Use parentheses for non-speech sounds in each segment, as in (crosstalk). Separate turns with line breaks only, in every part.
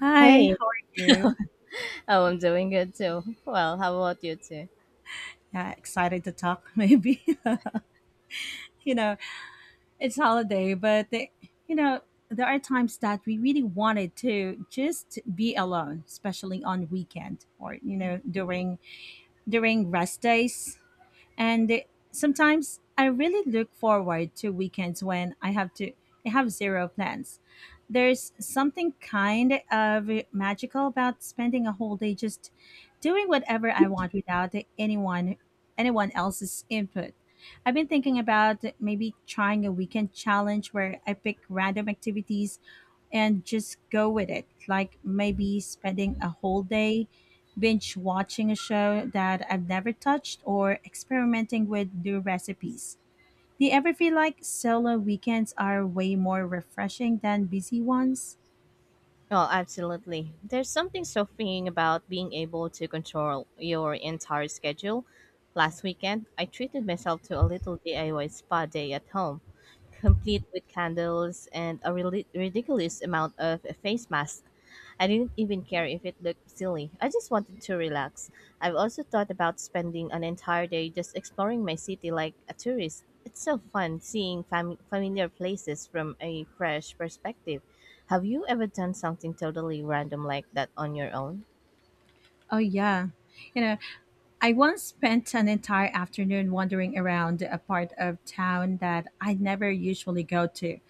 Hi,
Hey,
how are you?
oh, I'm doing good too. Well, how about you too?
Yeah, excited to talk, (laughs) maybe. (laughs) you know, it's holiday, but you know, there are times that we really wanted to just be alone, especially on weekend or during during rest days. And sometimes I really look forward to weekends when I have zero plans. There's something kind of magical about spending a whole day just doing whatever I want without anyone else's input. I've been thinking about maybe trying a weekend challenge where I pick random activities and just go with it. Like maybe spending a whole day binge watching a show that I've never touched or experimenting with new recipes. Do you ever feel like solo weekends are way more refreshing than busy ones?
Oh, absolutely. There's something so freeing about being able to control your entire schedule. Last weekend, I treated myself to a little DIY spa day at home, complete with candles and a really ridiculous amount of face masks. I didn't even care if it looked silly. I just wanted to relax. I've also thought about spending an entire day just exploring my city like a tourist. It's so fun seeing familiar places from a fresh perspective. Have you ever done something totally random like that on your own?
Oh, yeah. You know, I once spent an entire afternoon wandering around a part of town that I never usually go to.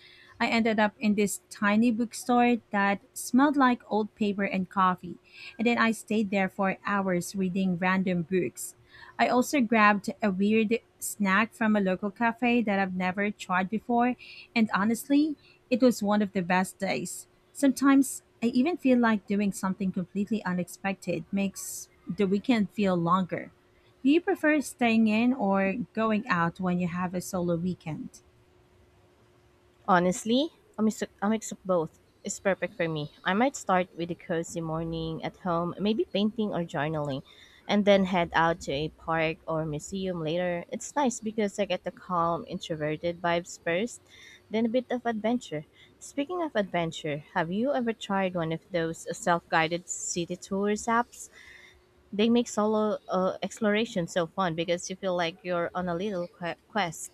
I ended up in this tiny bookstore that smelled like old paper and coffee, and then I stayed there for hours reading random books. I also grabbed a weird snack from a local cafe that I've never tried before, and honestly, it was one of the best days. Sometimes I even feel like doing something completely unexpected makes the weekend feel longer. Do you prefer staying in or going out when you have a solo weekend?
Honestly, a mix of both is perfect for me. I might start with a cozy morning at home, maybe painting or journaling, and then head out to a park or museum later. It's nice because I get the calm, introverted vibes first, then a bit of adventure. Speaking of adventure, have you ever tried one of those self guided city tours apps? They make solo exploration so fun because you feel like you're on a little quest.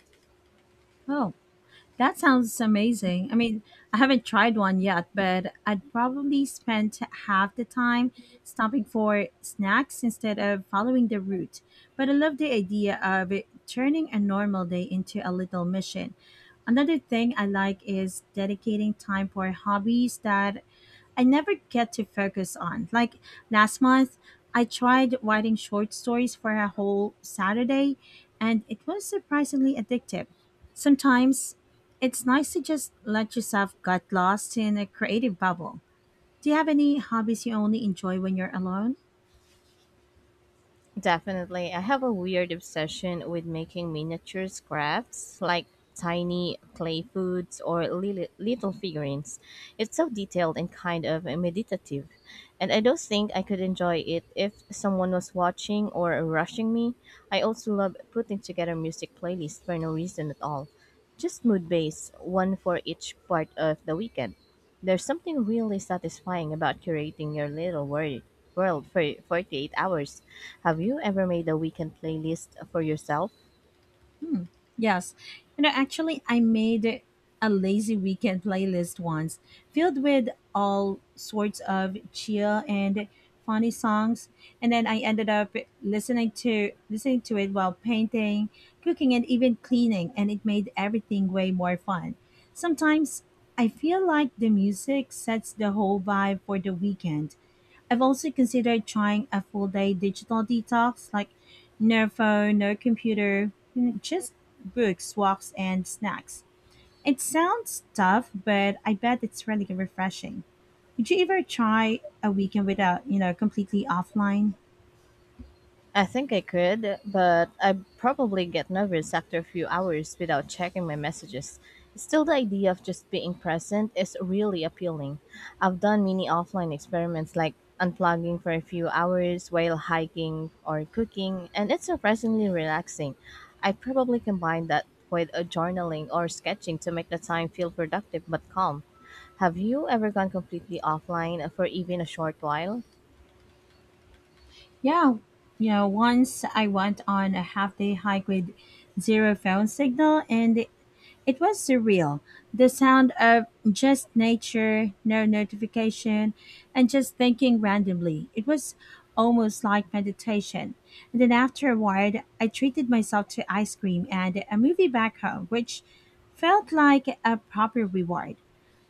Oh, that sounds amazing. I mean, I haven't tried one yet, but I'd probably spend half the time stopping for snacks instead of following the route. But I love the idea of it turning a normal day into a little mission. Another thing I like is dedicating time for hobbies that I never get to focus on. Like last month, I tried writing short stories for a whole Saturday, and it was surprisingly addictive. Sometimes it's nice to just let yourself get lost in a creative bubble. Do you have any hobbies you only enjoy when you're alone?
Definitely. I have a weird obsession with making miniatures crafts, like tiny clay foods or little figurines. It's so detailed and kind of meditative. And I don't think I could enjoy it if someone was watching or rushing me. I also love putting together music playlists for no reason at all. Just mood based, one for each part of the weekend. There's something really satisfying about curating your little world for 48 hours. Have you ever made a weekend playlist for yourself?
Hmm. Yes. You know, actually, I made a lazy weekend playlist once, filled with all sorts of chill and funny songs, and then I ended up listening to it while painting, cooking, and even cleaning, and it made everything way more fun. Sometimes I feel like the music sets the whole vibe for the weekend. I've also considered trying a full day digital detox, like no phone, no computer, just books, walks, and snacks. It sounds tough, but I bet it's really refreshing. Would you ever try a weekend without, completely offline?
I think I could, but I'd probably get nervous after a few hours without checking my messages. Still, the idea of just being present is really appealing. I've done many offline experiments like unplugging for a few hours while hiking or cooking, and it's surprisingly relaxing. I probably combine that with a journaling or sketching to make the time feel productive but calm. Have you ever gone completely offline for even a short while?
Yeah, you know, once I went on a half day hike with zero phone signal, and it was surreal, the sound of just nature, no notification, and just thinking randomly. It was almost like meditation. And then afterward, I treated myself to ice cream and a movie back home, which felt like a proper reward.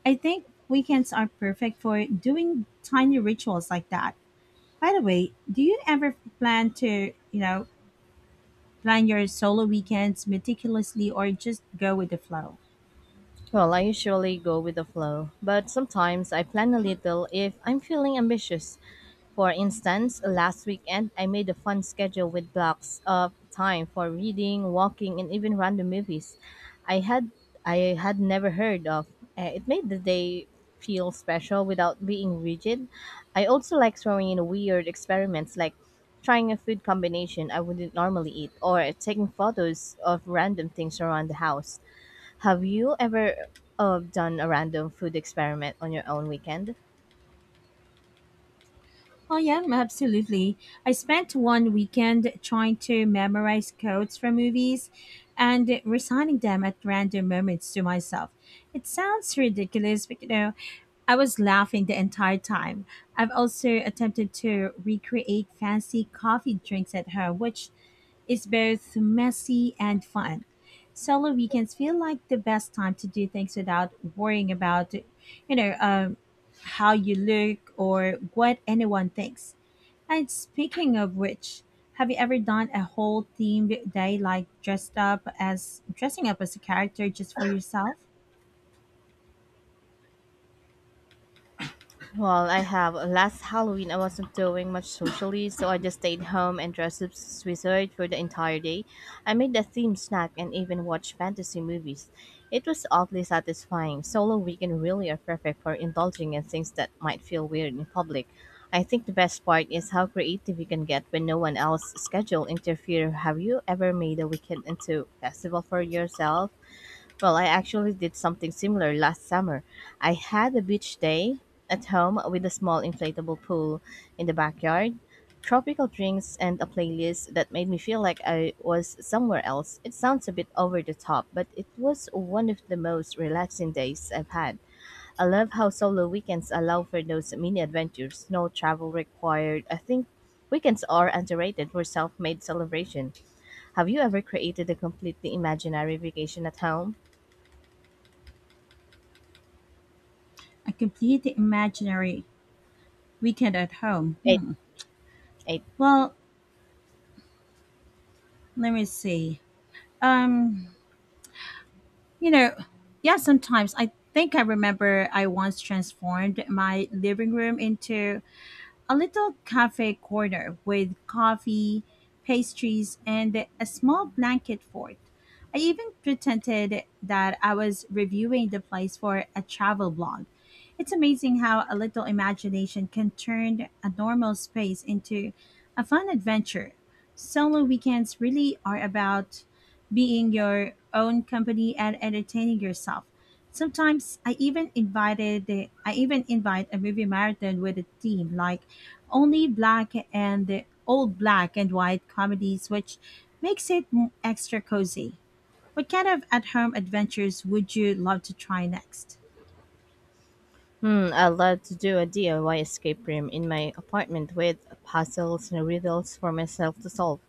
I think weekends are perfect for doing tiny rituals like that. By the way, do you ever plan your solo weekends meticulously or just go with the flow?
Well, I usually go with the flow, but sometimes I plan a little if I'm feeling ambitious. For instance, last weekend I made a fun schedule with blocks of time for reading, walking, and even random movies I had I had never heard of. It made the day feel special without being rigid. I also like throwing in weird experiments like trying a food combination I wouldn't normally eat or taking photos of random things around the house. Have you ever done a random food experiment on your own weekend?
Oh yeah, absolutely. I spent one weekend trying to memorize codes from movies and reciting them at random moments to myself. It sounds ridiculous, but you know, I was laughing the entire time. I've also attempted to recreate fancy coffee drinks at home, which is both messy and fun. Solo weekends feel like the best time to do things without worrying about, how you look or what anyone thinks. And speaking of which, have you ever done a whole themed day like dressed up as dressing up as a character just for yourself?
Well, I have. Last Halloween, I wasn't doing much socially, so I just stayed home and dressed up as wizard for the entire day. I made a themed snack and even watched fantasy movies. It was oddly satisfying. Solo weekend really are perfect for indulging in things that might feel weird in public. I think the best part is how creative you can get when no one else's schedule interfere. Have you ever made a weekend into festival for yourself? Well, I actually did something similar last summer. I had a beach day at home with a small inflatable pool in the backyard, tropical drinks, and a playlist that made me feel like I was somewhere else. It sounds a bit over the top, but it was one of the most relaxing days I've had. I love how solo weekends allow for those mini adventures, no travel required. I think weekends are underrated for self made celebration. Have you ever created a completely imaginary vacation at home?
A completely imaginary weekend at home.
It
Hmm.
I,
Well, let me see. Um, you know, yeah, sometimes I think I remember I once transformed my living room into a little cafe corner with coffee, pastries, and a small blanket fort. I even pretended that I was reviewing the place for a travel blog. It's amazing how a little imagination can turn a normal space into a fun adventure. Solo weekends really are about being your own company and entertaining yourself. Sometimes I even invite a movie marathon with a team, like only black and old black and white comedies, which makes it extra cozy. What kind of at-home adventures would you love to try next?
I love to do a DIY escape room in my apartment with puzzles and riddles for myself to solve.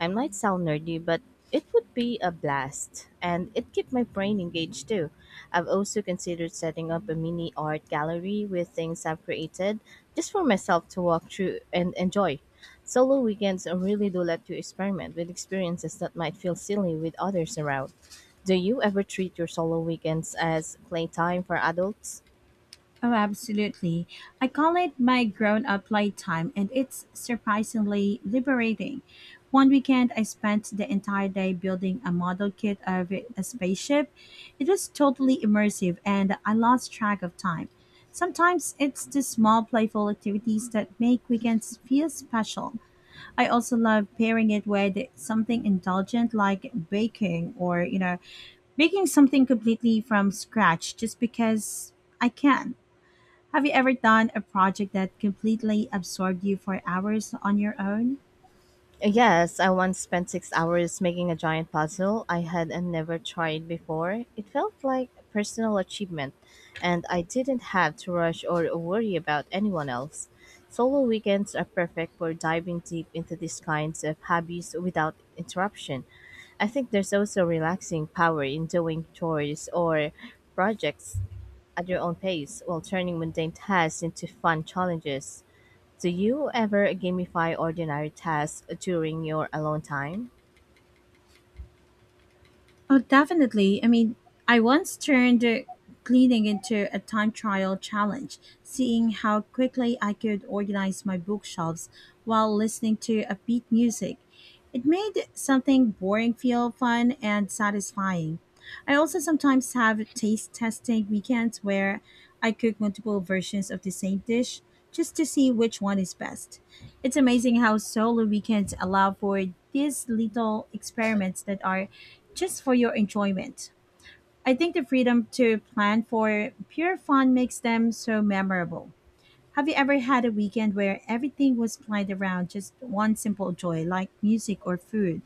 I might sound nerdy, but it would be a blast, and it keep my brain engaged too. I've also considered setting up a mini art gallery with things I've created, just for myself to walk through and enjoy. Solo weekends really do let you experiment with experiences that might feel silly with others around. Do you ever treat your solo weekends as playtime for adults?
Oh, absolutely. I call it my grown up playtime, and it's surprisingly liberating. One weekend, I spent the entire day building a model kit of a spaceship. It was totally immersive, and I lost track of time. Sometimes it's the small, playful activities that make weekends feel special. I also love pairing it with something indulgent like baking or, you know, making something completely from scratch just because I can. Have you ever done a project that completely absorbed you for hours on your own?
Yes, I once spent 6 hours making a giant puzzle I had and never tried before. It felt like a personal achievement, and I didn't have to rush or worry about anyone else. Solo weekends are perfect for diving deep into these kinds of hobbies without interruption. I think there's also relaxing power in doing chores or projects at your own pace while turning mundane tasks into fun challenges. Do you ever gamify ordinary tasks during your alone time?
Oh, definitely. I mean, I once turned cleaning into a time trial challenge, seeing how quickly I could organize my bookshelves while listening to upbeat music. It made something boring feel fun and satisfying. I also sometimes have taste testing weekends where I cook multiple versions of the same dish just to see which one is best. It's amazing how solo weekends allow for these little experiments that are just for your enjoyment. I think the freedom to plan for pure fun makes them so memorable. Have you ever had a weekend where everything was planned around just one simple joy, like music or food?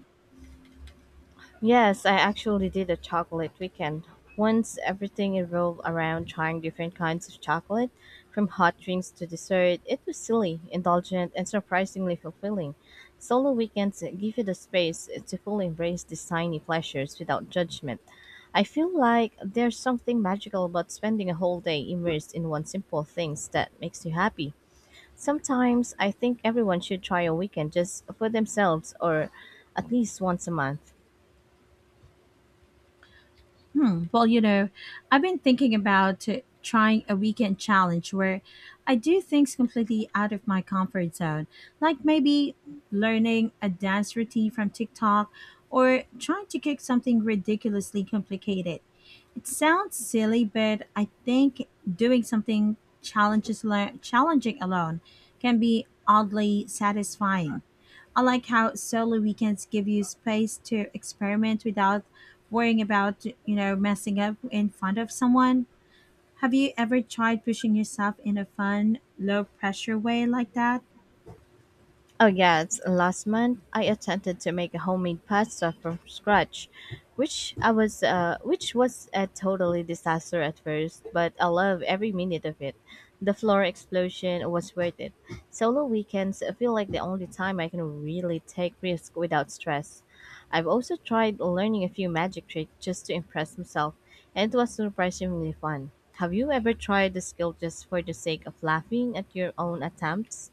Yes, I actually did a chocolate weekend. Once everything revolved around trying different kinds of chocolate, from hot drinks to dessert. It was silly, indulgent, and surprisingly fulfilling. Solo weekends give you the space to fully embrace these tiny pleasures without judgment. I feel like there's something magical about spending a whole day immersed in one simple thing that makes you happy. Sometimes I think everyone should try a weekend just for themselves or at least once a month.
Hmm. Well, you know, I've been thinking about trying a weekend challenge where I do things completely out of my comfort zone, like maybe learning a dance routine from TikTok or trying to cook something ridiculously complicated. It sounds silly, but I think doing something challenging alone can be oddly satisfying. I like how solo weekends give you space to experiment without worrying about, you know, messing up in front of someone. Have you ever tried pushing yourself in a fun, low pressure way like that?
Oh yes, last month I attempted to make a homemade pasta from scratch, which was a totally disaster at first, but I love every minute of it. The flour explosion was worth it. Solo weekends feel like the only time I can really take risks without stress. I've also tried learning a few magic tricks just to impress myself, and it was surprisingly fun. Have you ever tried the skill just for the sake of laughing at your own attempts?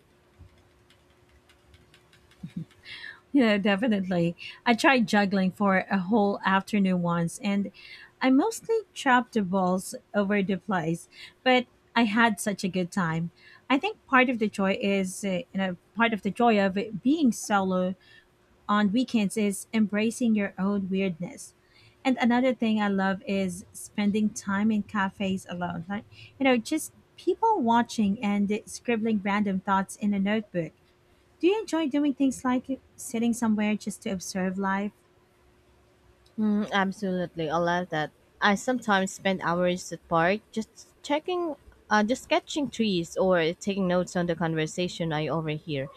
Yeah, definitely. I tried juggling for a whole afternoon once and I mostly chopped the balls over the place, but I had such a good time. I think part of the joy of it being solo on weekends is embracing your own weirdness. And another thing I love is spending time in cafes alone. Like, you know, just people watching and scribbling random thoughts in a notebook. Do you enjoy doing things like sitting somewhere just to observe life?
Mm, absolutely, I love that. I sometimes spend hours at park just checking, just sketching trees or taking notes on the conversation I overhear.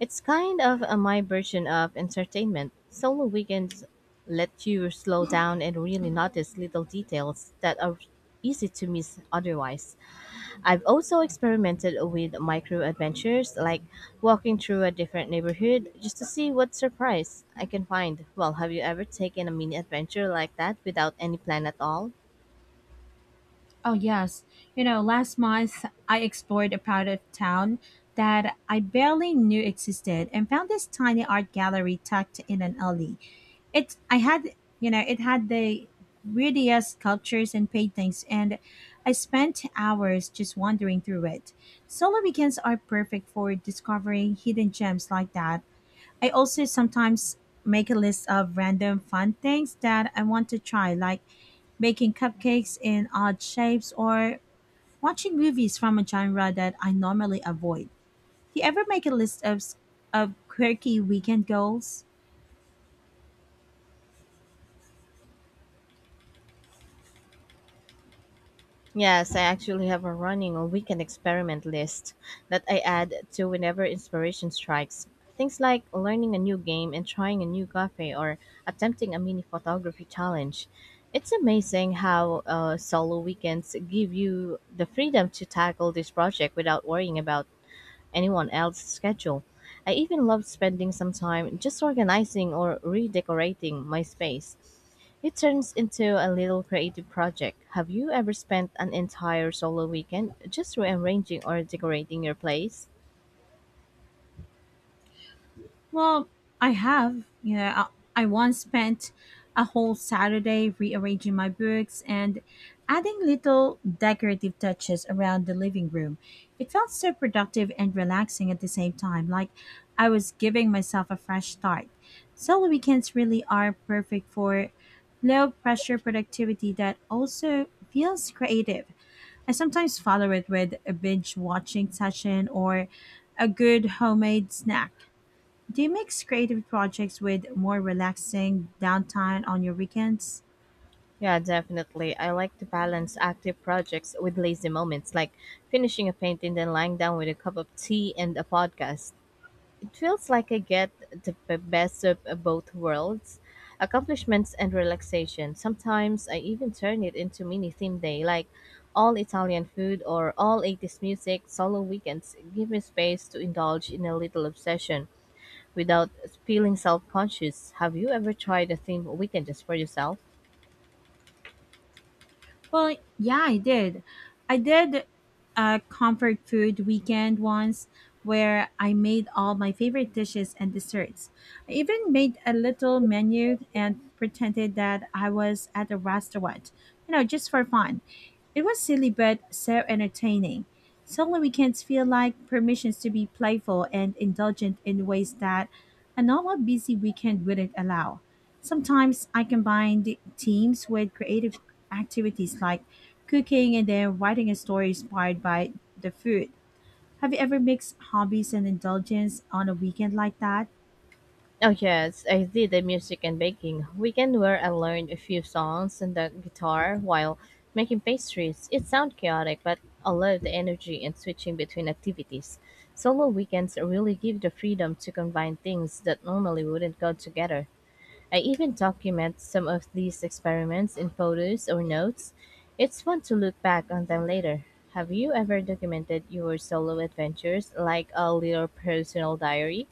It's kind of my version of entertainment. Solo weekends let you slow down and really notice little details that are easy to miss otherwise. I've also experimented with micro adventures like walking through a different neighborhood just to see what surprise I can find. Well, have you ever taken a mini adventure like that without any plan at all?
Oh, yes. You know, last month I explored a part of town that I barely knew existed and found this tiny art gallery tucked in an alley. It I had you know it had the weirdest sculptures and paintings, and I spent hours just wandering through it. Solo weekends are perfect for discovering hidden gems like that. I also sometimes make a list of random fun things that I want to try, like making cupcakes in odd shapes or watching movies from a genre that I normally avoid. Do you ever make a list of quirky weekend goals?
Yes, I actually have a running or weekend experiment list that I add to whenever inspiration strikes. Things like learning a new game and trying a new cafe or attempting a mini photography challenge. It's amazing how solo weekends give you the freedom to tackle this project without worrying about anyone else's schedule. I even loved spending some time just organizing or redecorating my space. It turns into a little creative project. Have you ever spent an entire solo weekend just rearranging or decorating your place?
Well, I have. You know, I once spent a whole Saturday rearranging my books and adding little decorative touches around the living room. It felt so productive and relaxing at the same time, like I was giving myself a fresh start. Solo weekends really are perfect for low pressure productivity that also feels creative. I sometimes follow it with a binge watching session or a good homemade snack. Do you mix creative projects with more relaxing downtime on your weekends?
Yeah, definitely. I like to balance active projects with lazy moments, like finishing a painting, then lying down with a cup of tea and a podcast. It feels like I get the best of both worlds, accomplishments and relaxation. Sometimes I even turn it into mini theme day, like all Italian food or all '80s music. Solo weekends give me space to indulge in a little obsession without feeling self conscious. Have you ever tried a theme weekend just for yourself?
Well, yeah, I did a comfort food weekend once, where I made all my favorite dishes and desserts. I even made a little menu and pretended that I was at a restaurant, you know, just for fun. It was silly but so entertaining. Solo weekends feel like permissions to be playful and indulgent in ways that a normal busy weekend wouldn't allow. Sometimes I combined teams with creative activities like cooking and then writing a story inspired by the food. Have you ever mixed hobbies and indulgence on a weekend like that?
Oh yes, I did the music and baking weekend where I learned a few songs and the guitar while making pastries. It sounds chaotic, but I love the energy and switching between activities. Solo weekends really give the freedom to combine things that normally wouldn't go together. I even document some of these experiments in photos or notes. It's fun to look back on them later. Have you ever documented your solo adventures like a little personal diary?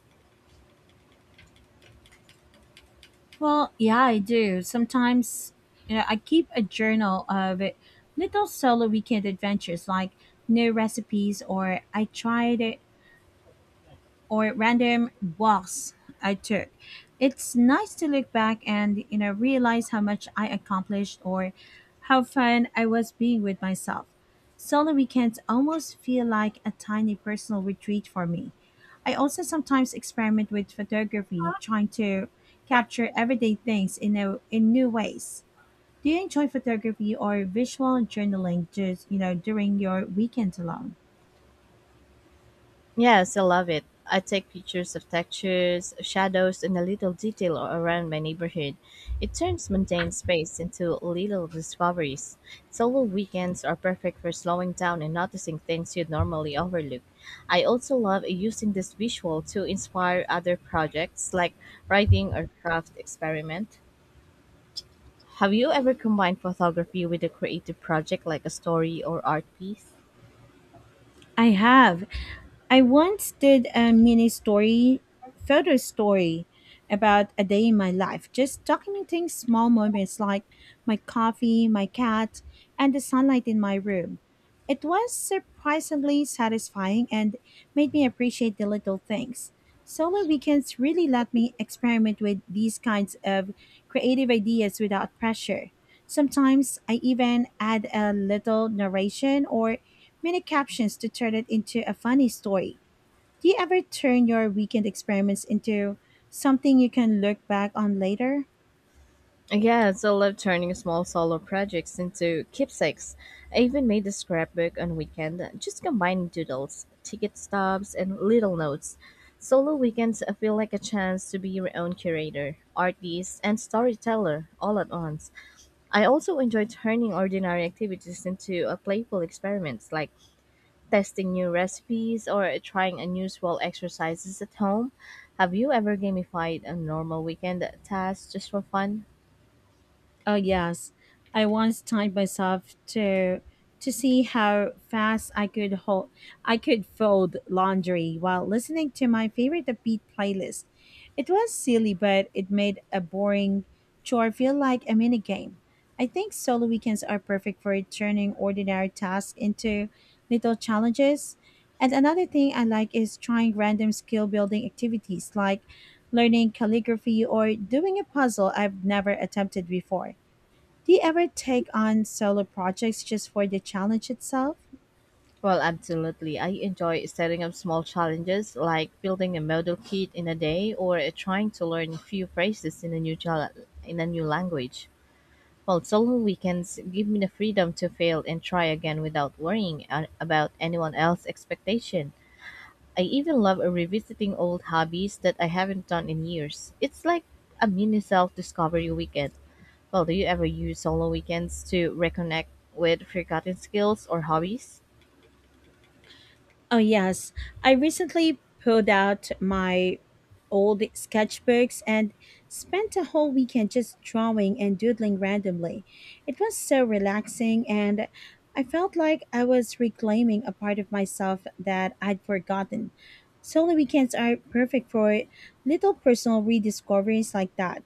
Well, yeah, I do. Sometimes, you know, I keep a journal of little solo weekend adventures, like new recipes, or I tried or random walks I took. It's nice to look back and you know realize how much I accomplished or how fun I was being with myself. Solo weekends almost feel like a tiny personal retreat for me. I also sometimes experiment with photography, trying to capture everyday things in new ways. Do you enjoy photography or visual journaling just you know during your weekends alone?
Yes, I love it. I take pictures of textures, shadows, and a little detail around my neighborhood. It turns mundane space into little discoveries. Solo weekends are perfect for slowing down and noticing things you'd normally overlook. I also love using this visual to inspire other projects like writing or craft experiment. Have you ever combined photography with a creative project like a story or art piece?
I have. I once did a photo story about a day in my life, just documenting small moments like my coffee, my cat, and the sunlight in my room. It was surprisingly satisfying and made me appreciate the little things. Solo weekends really let me experiment with these kinds of creative ideas without pressure. Sometimes I even add a little narration or mini captions to turn it into a funny story. Do you ever turn your weekend experiments into something you can look back on later?
Yes, I love turning small solo projects into keepsakes. I even made a scrapbook on weekend, just combining doodles, ticket stubs, and little notes. Solo weekends feel like a chance to be your own curator, artist, and storyteller all at once. I also enjoy turning ordinary activities into a playful experiments, like testing new recipes or trying unusual exercises at home. Have you ever gamified a normal weekend task just for fun?
Oh yes, I once timed myself to see how fast I could fold laundry while listening to my favorite upbeat playlist. It was silly, but it made a boring chore feel like a mini game. I think solo weekends are perfect for turning ordinary tasks into little challenges. And another thing I like is trying random skill building activities like learning calligraphy or doing a puzzle I've never attempted before. Do you ever take on solo projects just for the challenge itself?
Well, absolutely. I enjoy setting up small challenges like building a model kit in a day or trying to learn a few phrases in a in a new language. Well, solo weekends give me the freedom to fail and try again without worrying about anyone else's expectation. I even love revisiting old hobbies that I haven't done in years. It's like a mini self-discovery weekend. Well, do you ever use solo weekends to reconnect with forgotten skills or hobbies?
Oh, yes. I recently pulled out my old sketchbooks and spent a whole weekend just drawing and doodling randomly. It was so relaxing, and I felt like I was reclaiming a part of myself that I'd forgotten. Solo weekends are perfect for little personal rediscoveries like that.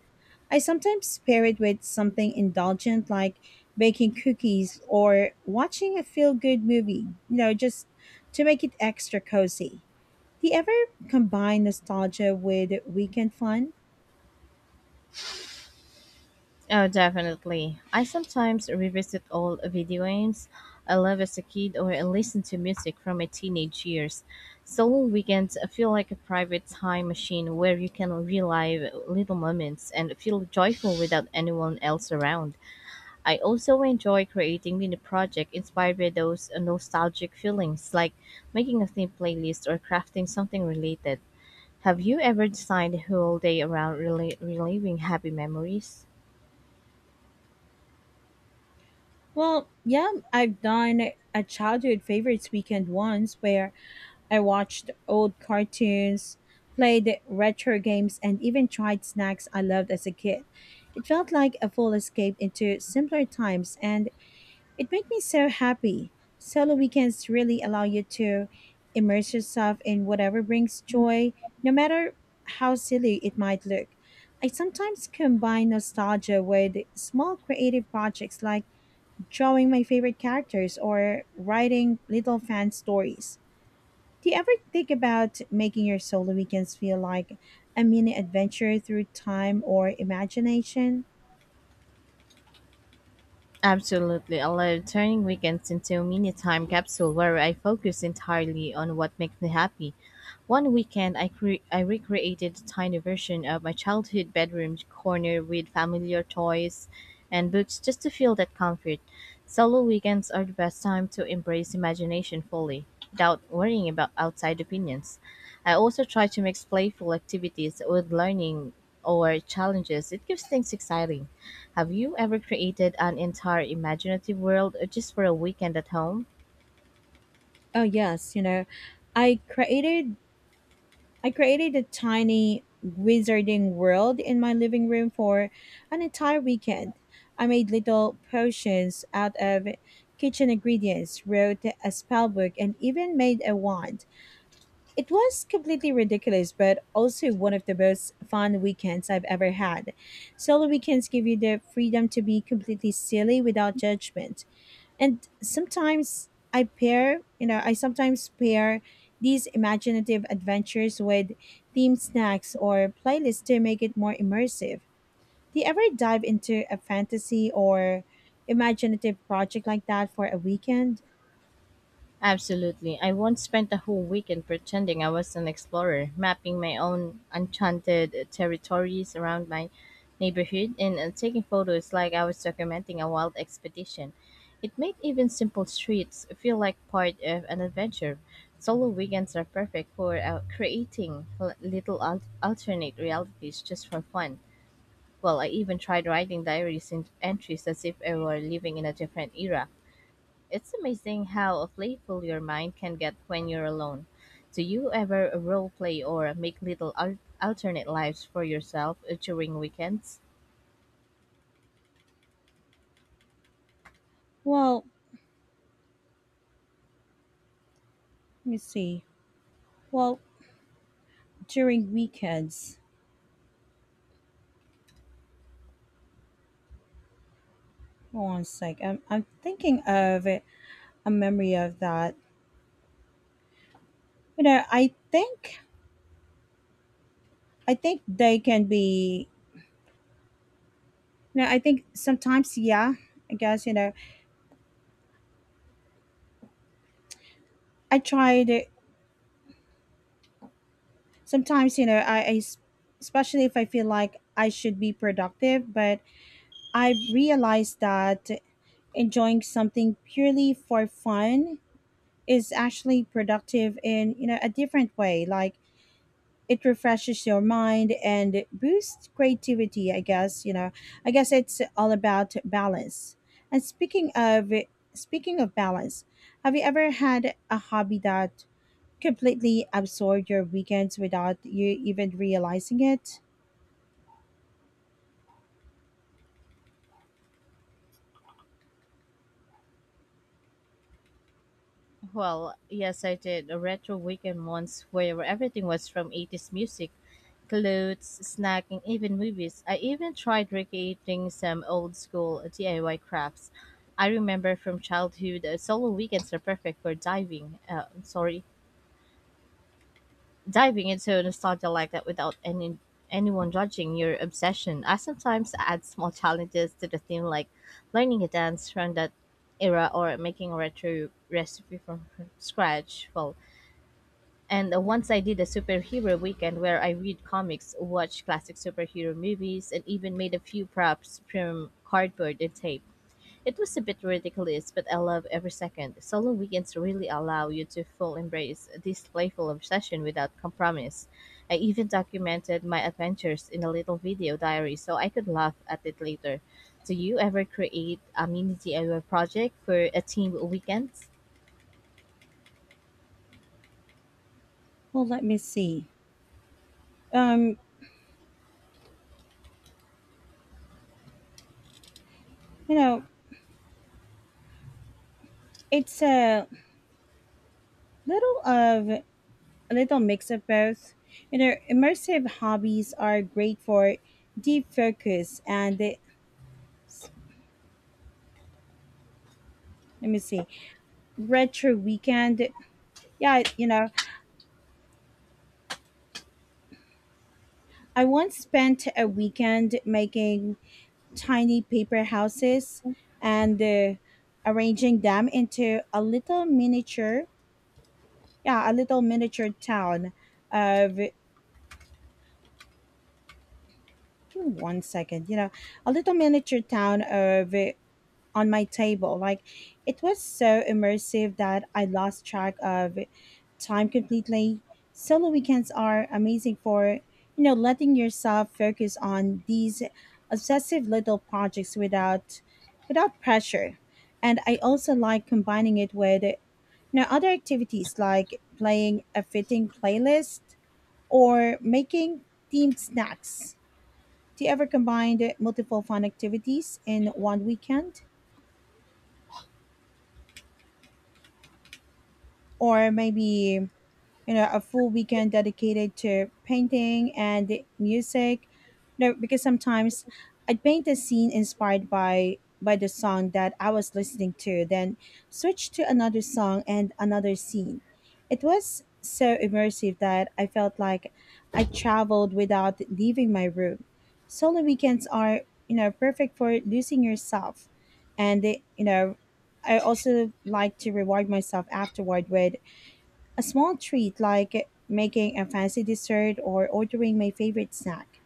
I sometimes pair it with something indulgent like baking cookies or watching a feel good movie, you know, just to make it extra cozy. Do you ever combine nostalgia with weekend fun?
Oh, definitely. I sometimes revisit old video games I love as a kid or I listen to music from my teenage years. Solo weekends feel like a private time machine where you can relive little moments and feel joyful without anyone else around. I also enjoy creating mini projects inspired by those nostalgic feelings, like making a theme playlist or crafting something related. Have you ever designed a whole day around reliving happy memories?
Well, yeah, I've done a childhood favorites weekend once where I watched old cartoons, played retro games, and even tried snacks I loved as a kid. It felt like a full escape into simpler times, and it made me so happy. Solo weekends really allow you to immerse yourself in whatever brings joy, no matter how silly it might look. I sometimes combine nostalgia with small creative projects like drawing my favorite characters or writing little fan stories. Do you ever think about making your solo weekends feel like a mini adventure through time or imagination?
Absolutely. I love turning weekends into a mini time capsule where I focus entirely on what makes me happy. One weekend, I recreated a tiny version of my childhood bedroom corner with familiar toys and books just to feel that comfort. Solo weekends are the best time to embrace imagination fully without worrying about outside opinions. I also try to mix playful activities with learning or challenges. It keeps things exciting. Have you ever created an entire imaginative world just for a weekend at home?
Oh, yes, I created I created a tiny wizarding world in my living room for an entire weekend. I made little potions out of kitchen ingredients, wrote a spell book, and even made a wand. It was completely ridiculous, but also one of the most fun weekends I've ever had. Solo weekends give you the freedom to be completely silly without judgment, and sometimes I pair you know I sometimes pair these imaginative adventures with themed snacks or playlists to make it more immersive. Do you ever dive into a fantasy or imaginative project like that for a weekend?
Absolutely. I once spent a whole weekend pretending I was an explorer, mapping my own enchanted territories around my neighborhood and taking photos like I was documenting a wild expedition. It made even simple streets feel like part of an adventure. Solo weekends are perfect for creating little alternate realities just for fun. Well, I even tried writing diaries and entries as if I were living in a different era. It's amazing how playful your mind can get when you're alone. Do you ever role-play or make little alternate lives for yourself during weekends?
Well let me see well during weekends, hold on a sec, I'm thinking of a memory of that. You know I think they can be you know I think sometimes yeah I guess you know I tried it. Sometimes, especially if I feel like I should be productive, but I realized that enjoying something purely for fun is actually productive in you know, a different way. Like it refreshes your mind and it boosts creativity, I guess. You know. I guess it's all about balance. And speaking of balance, have you ever had a hobby that completely absorb your weekends without you even realizing it?
Well, yes, I did a retro weekend once where everything was from '80s music, clothes, snacking, even movies. I even tried recreating some old school DIY crafts I remember from childhood. Solo weekends are perfect for diving into nostalgia like that without anyone judging your obsession. I sometimes add small challenges to the theme like learning a dance from that era or making a retro recipe from scratch. Well, and once I did a superhero weekend where I read comics, watched classic superhero movies, and even made a few props from cardboard and tape. It was a bit ridiculous, but I love every second. Solo weekends really allow you to full embrace this playful obsession without compromise. I even documented my adventures in a little video diary so I could laugh at it later. Do you ever create a mini DIY project for a team weekend?
Well, let me see. Um, you know, it's little of a little mix of both. You know, immersive hobbies are great for deep focus and let me see, retro weekend. Yeah, you know, I once spent a weekend making tiny paper houses and arranging them into a little miniature, yeah, a little miniature town of give me 1 second, you know, a little miniature town of on my table. Like it was so immersive that I lost track of time completely. Solo weekends are amazing for you know, letting yourself focus on these obsessive little projects without pressure. And I also like combining it with you know other activities like playing a fitting playlist or making themed snacks. Do you ever combine the multiple fun activities in one weekend? Or maybe you know a full weekend dedicated to painting and music, you know because sometimes I'd paint a scene inspired by the song that I was listening to, then switch to another song and another scene. It was so immersive that I felt like I traveled without leaving my room. Solo weekends are you know perfect for losing yourself. And they, you know I also like to reward myself afterward with a small treat like making a fancy dessert or ordering my favorite snack.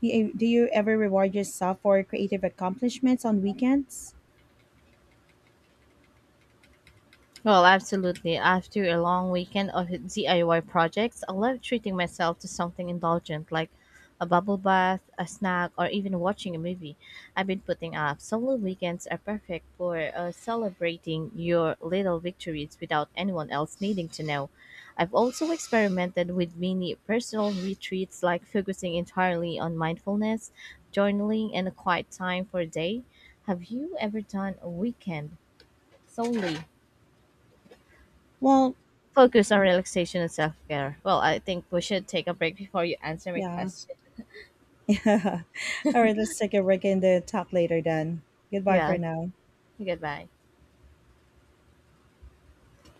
Do you ever reward yourself for creative accomplishments on weekends?
Well, absolutely. After a long weekend of DIY projects, I love treating myself to something indulgent like a bubble bath, a snack, or even watching a movie. I've been putting up. Solo weekends are perfect for celebrating your little victories without anyone else needing to know. I've also experimented with mini personal retreats like focusing entirely on mindfulness, journaling, and a quiet time for a day. Have you ever done a weekend solely
Well,
focus on relaxation and self care. Well, I think we should take a break before you answer my
yeah.
question.
(laughs) All right, let's take a break and talk later then. Goodbye for
Yeah.
now.
Goodbye.